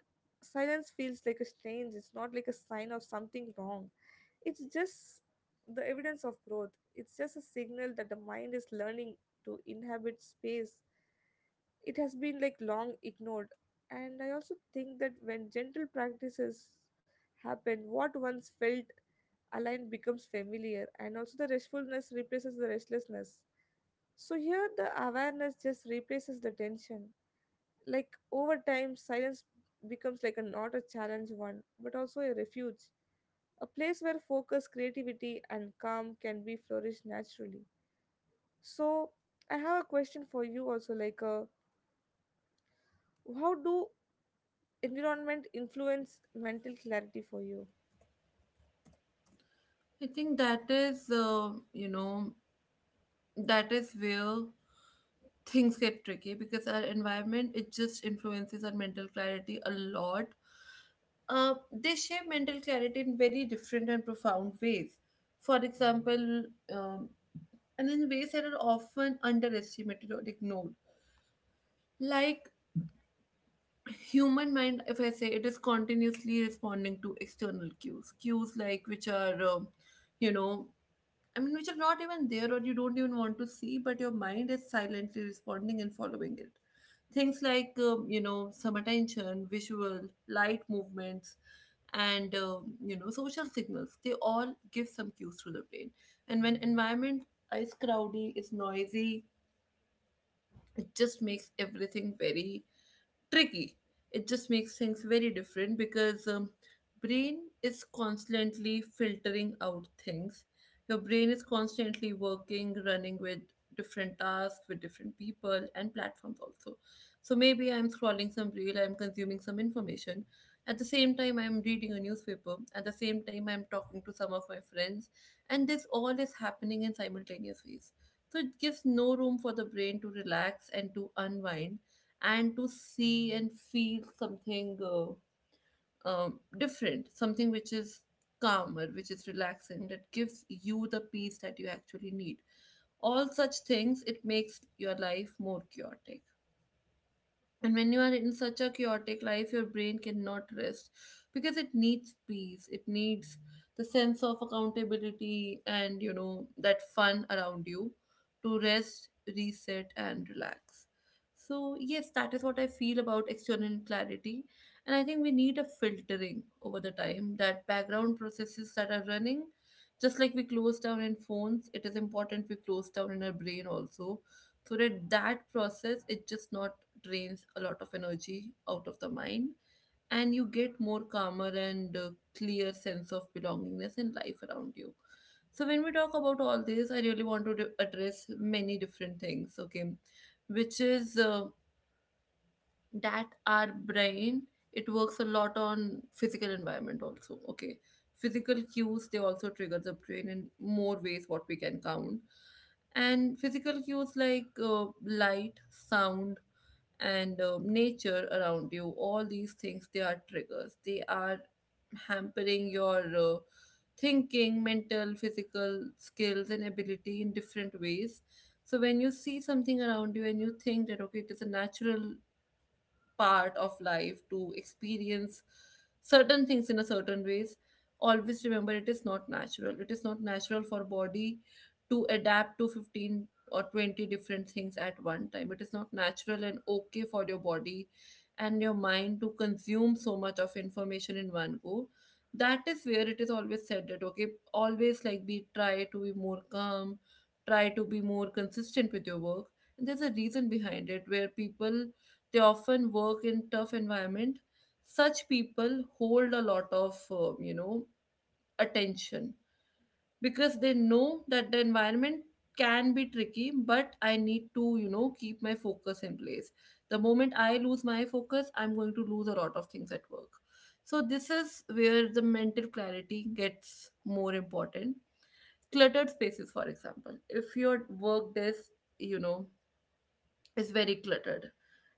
[SPEAKER 2] silence feels like a strange, it's not like a sign of something wrong. It's just the evidence of growth. It's just a signal that the mind is learning to inhabit space. It has been like long ignored. And I also think that when gentle practices happen, what once felt aligned becomes familiar, and also the restfulness replaces the restlessness. So here, the awareness just replaces the tension. Like over time, silence becomes like a not a challenge one, but also a refuge, a place where focus, creativity, and calm can be flourished naturally. So, I have a question for you also like, how do environment influence mental clarity for you?
[SPEAKER 1] I think that is, that is where things get tricky, because our environment, it just influences our mental clarity a lot. They shape mental clarity in very different and profound ways. For example, um, and in ways that are often underestimated or ignored. Like human mind, if I say, it is continuously responding to external cues, cues like which are, you know, I mean, which are not even there or you don't even want to see, but your mind is silently responding and following it. Things like, some attention, visual, light movements, and social signals, they all give some cues to the brain. And when environment is crowdy, is noisy, it just makes everything very tricky. It just makes things very different, because brain is constantly filtering out things. Your brain is constantly working, running with different tasks, with different people and platforms also. So maybe I'm scrolling some reel, I'm consuming some information. At the same time, I'm reading a newspaper. At the same time, I'm talking to some of my friends. And this all is happening in simultaneous ways. So it gives no room for the brain to relax and to unwind and to see and feel something different, something which is calmer, which is relaxing, that gives you the peace that you actually need. All such things, it makes your life more chaotic. And when you are in such a chaotic life, your brain cannot rest because it needs peace. It needs the sense of accountability and, you know, that fun around you to rest, reset, and relax. So, yes, that is what I feel about external clarity. And I think we need a filtering over the time that background processes that are running. Just like we close down in phones, it is important we close down in our brain also, so that that process is just not drains a lot of energy out of the mind, and you get more calmer and clear sense of belongingness in life around you. So when we talk about all this, I really want to address many different things, okay, which is, that our brain, it works a lot on physical environment also, okay? Physical cues, they also trigger the brain in more ways what we can count. And physical cues like light, sound, and nature around you, all these things, they are triggers, they are hampering your thinking, mental, physical skills and ability in different ways. So when you see something around you and you think that, okay, it is a natural part of life to experience certain things in a certain ways, always remember it is not natural. It is not natural for body to adapt to 15 or 20 different things at one time. It is not natural and okay for your body and your mind to consume so much of information in one go. That is where it is always said that, okay, always, like, be, try to be more calm, try to be more consistent with your work. And there's a reason behind it, where people, they often work in tough environment. Such people hold a lot of attention because they know that the environment can be tricky, but I need to, you know, keep my focus in place. The moment I lose my focus, I'm going to lose a lot of things at work. So this is where the mental clarity gets more important. Cluttered spaces, for example, if your work desk, you know, is very cluttered,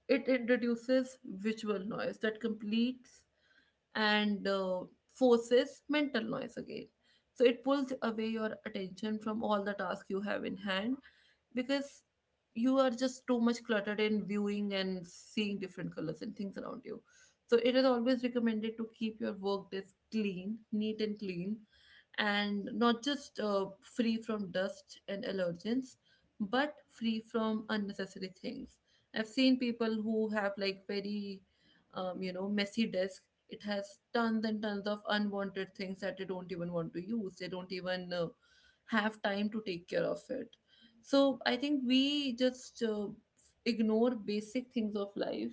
[SPEAKER 1] it introduces visual noise that completes and forces mental noise again. So it pulls away your attention from all the tasks you have in hand because you are just too much cluttered in viewing and seeing different colors and things around you. So it is always recommended to keep your work desk clean, neat and clean, and not just free from dust and allergens, but free from unnecessary things. I've seen people who have like very, messy desk. It has tons and tons of unwanted things that they don't even want to use. They don't even have time to take care of it. So I think we just ignore basic things of life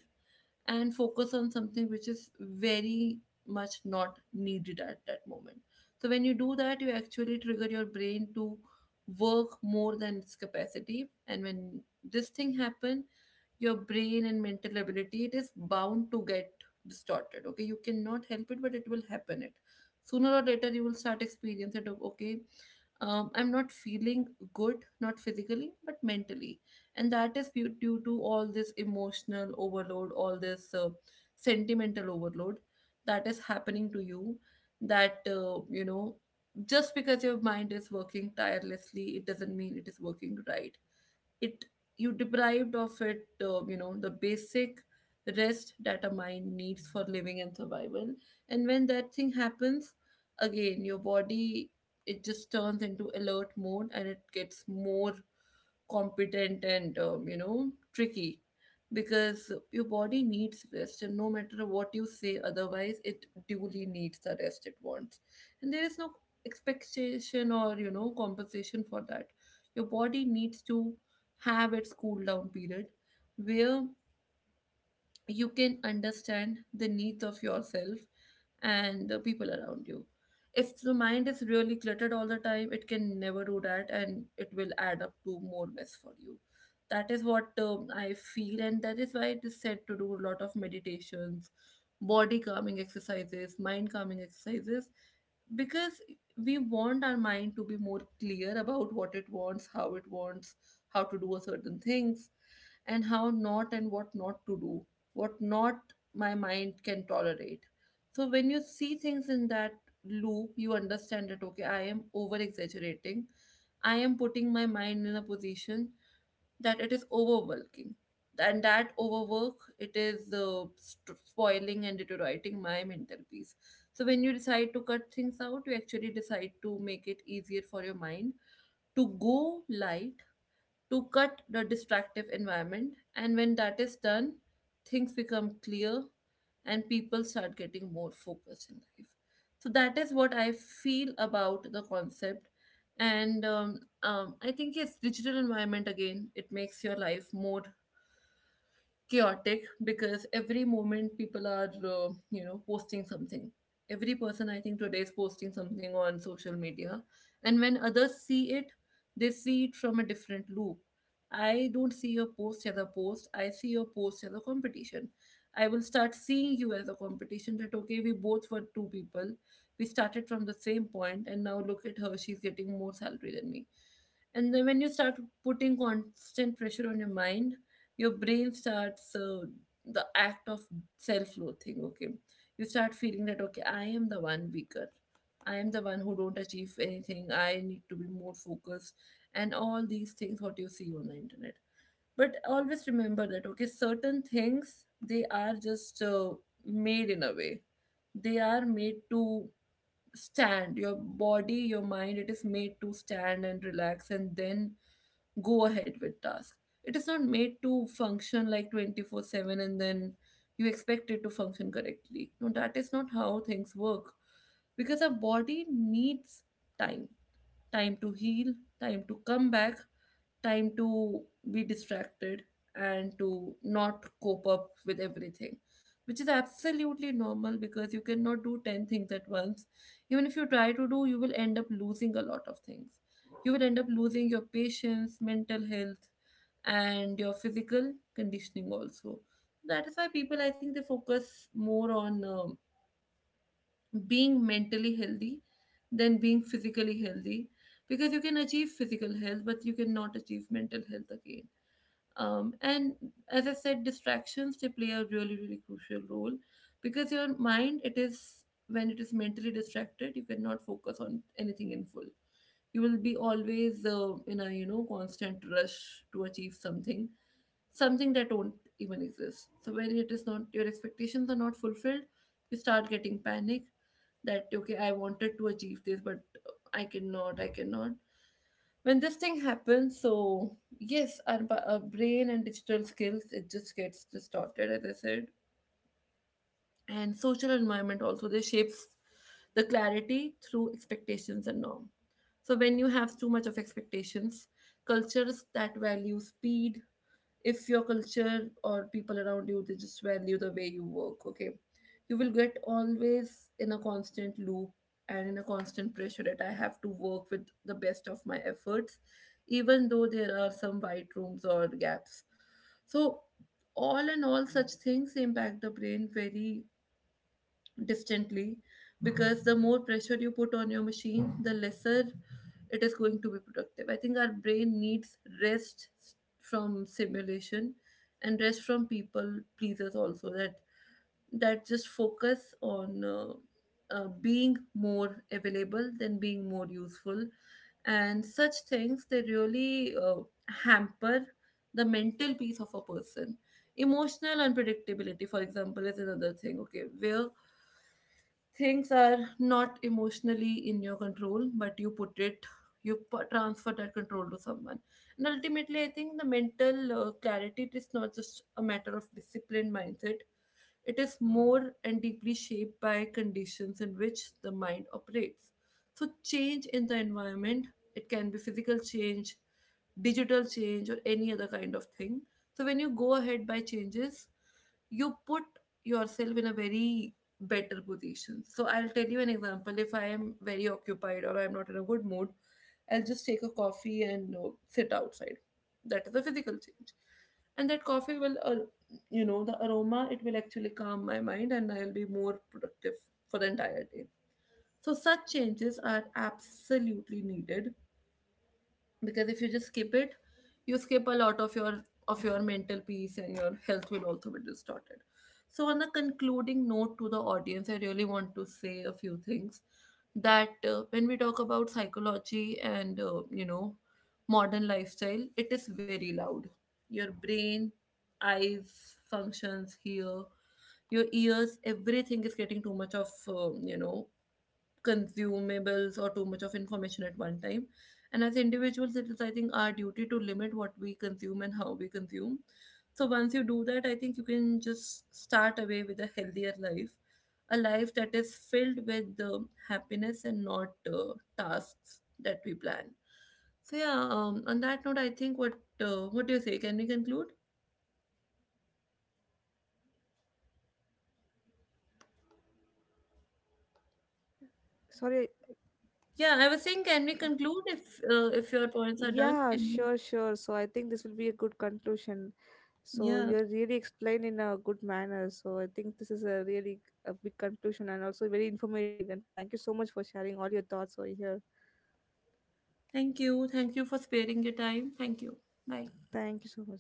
[SPEAKER 1] and focus on something which is very much not needed at that moment. So when you do that, you actually trigger your brain to work more than its capacity. And when this thing happen, your brain and mental ability, it is bound to get distorted, okay? You cannot help it, but it will happen. It, sooner or later, you will start experiencing it of, okay, I'm not feeling good, not physically but mentally. And that is due to all this emotional overload, all this sentimental overload that is happening to you. That, just because your mind is working tirelessly, it doesn't mean it is working right. It, you deprived of it, the basic rest that a mind needs for living and survival. And when that thing happens, again, your body, it just turns into alert mode, and it gets more competent and, tricky, because your body needs rest, and no matter what you say otherwise, it duly needs the rest it wants. And there is no expectation or, you know, compensation for that. Your body needs to have its cool down period, where you can understand the needs of yourself and the people around you. If the mind is really cluttered all the time, it can never do that, and it will add up to more mess for you. That is what, I feel, and that is why it is said to do a lot of meditations, body calming exercises, mind calming exercises, because we want our mind to be more clear about what it wants, how to do a certain things, and how not, and what not to do, what not my mind can tolerate. So when you see things in that loop, you understand that, okay, I am over exaggerating, I am putting my mind in a position that it is overworking, and that overwork, it is spoiling and deteriorating my mental peace. So when you decide to cut things out, you actually decide to make it easier for your mind to go light, to cut the distractive environment. And when that is done, things become clear and people start getting more focused in life. So that is what I feel about the concept. And I think, yes, digital environment again, it makes your life more chaotic because every moment people are posting something. Every person, I think, today is posting something on social media, and when others see it, they see it from a different loop. I don't see your post as a post, I see your post as a competition. I will start seeing you as a competition that okay, we both were two people, we started from the same point and now look at her, she's getting more salary than me. And then when you start putting constant pressure on your mind, your brain starts the act of self-loathing. Okay, you start feeling that okay, I am the one weaker, I am the one who don't achieve anything, I need to be more focused, and all these things what you see on the internet. But always remember that okay, certain things they are just made in a way, they are made to stand. Your body, your mind, it is made to stand and relax and then go ahead with task. It is not made to function like 24/7 and then you expect it to function correctly. No, that is not how things work because our body needs time. Time to heal, time to come back, time to be distracted and to not cope up with everything, which is absolutely normal because you cannot do 10 things at once. Even if you try to do, you will end up losing a lot of things, you will end up losing your patience, mental health, and your physical conditioning also. That is why people, I think, they focus more on being mentally healthy than being physically healthy, because you can achieve physical health but you cannot achieve mental health again. And as I said, distractions they play a really, really crucial role, because your mind, it is, when it is mentally distracted, you cannot focus on anything in full. You will be always in a constant rush to achieve something, something that don't even exist. So when it is not, your expectations are not fulfilled, you start getting panic, that okay, I wanted to achieve this but I cannot, I cannot when this thing happens. So yes, our brain and digital skills, it just gets distorted, as I said. And social environment also, they shapes the clarity through expectations and norm. So when you have too much of expectations, cultures that value speed, if your culture or people around you they just value the way you work, okay, you will get always in a constant loop and in a constant pressure that I have to work with the best of my efforts, even though there are some white rooms or gaps. So all in all, such things impact the brain very distantly, because the more pressure you put on your machine, the lesser it is going to be productive. I think our brain needs from simulation, and rest from people pleasers also, that just focus on being more available than being more useful. And such things, they really hamper the mental peace of a person. Emotional unpredictability, for example, is another thing. Okay, where things are not emotionally in your control, but you put it, you transfer that control to someone. And ultimately, I think the mental clarity, it is not just a matter of disciplined mindset, it is more and deeply shaped by conditions in which the mind operates. So, change in the environment, it can be physical change, digital change, or any other kind of thing. So, when you go ahead by changes, you put yourself in a very better position. So, I'll tell you an example. If I am very occupied or I'm not in a good mood, I'll just take a coffee and sit outside. That is a physical change. And that coffee will the aroma, it will actually calm my mind and I'll be more productive for the entire day. So such changes are absolutely needed, because if you just skip it, you skip a lot of your, of your mental peace, and your health will also be distorted. So on a concluding note, to the audience I really want to say a few things, that when we talk about psychology and modern lifestyle, it is very loud. Your brain, eyes functions here, your ears, everything is getting too much of consumables or too much of information at one time. And as individuals, it is, I think, our duty to limit what we consume and how we consume. So once you do that, I think you can just start away with a healthier life, a life that is filled with the happiness and not tasks that we plan. So yeah, on that note, I think what, what do you say? Can we conclude?
[SPEAKER 2] Sorry,
[SPEAKER 1] Yeah, I was saying, can we conclude if your points are done?
[SPEAKER 2] yeah,
[SPEAKER 1] Can we?
[SPEAKER 2] sure, sure. So, I think this will be a good conclusion. So,
[SPEAKER 1] Yeah.
[SPEAKER 2] you're really explained in a good manner. So, I think this is a really a big conclusion and also very informative. And thank you so much for sharing all your thoughts over here.
[SPEAKER 1] Thank you. Thank you for sparing your time. Thank you. Bye.
[SPEAKER 2] Thank you so much.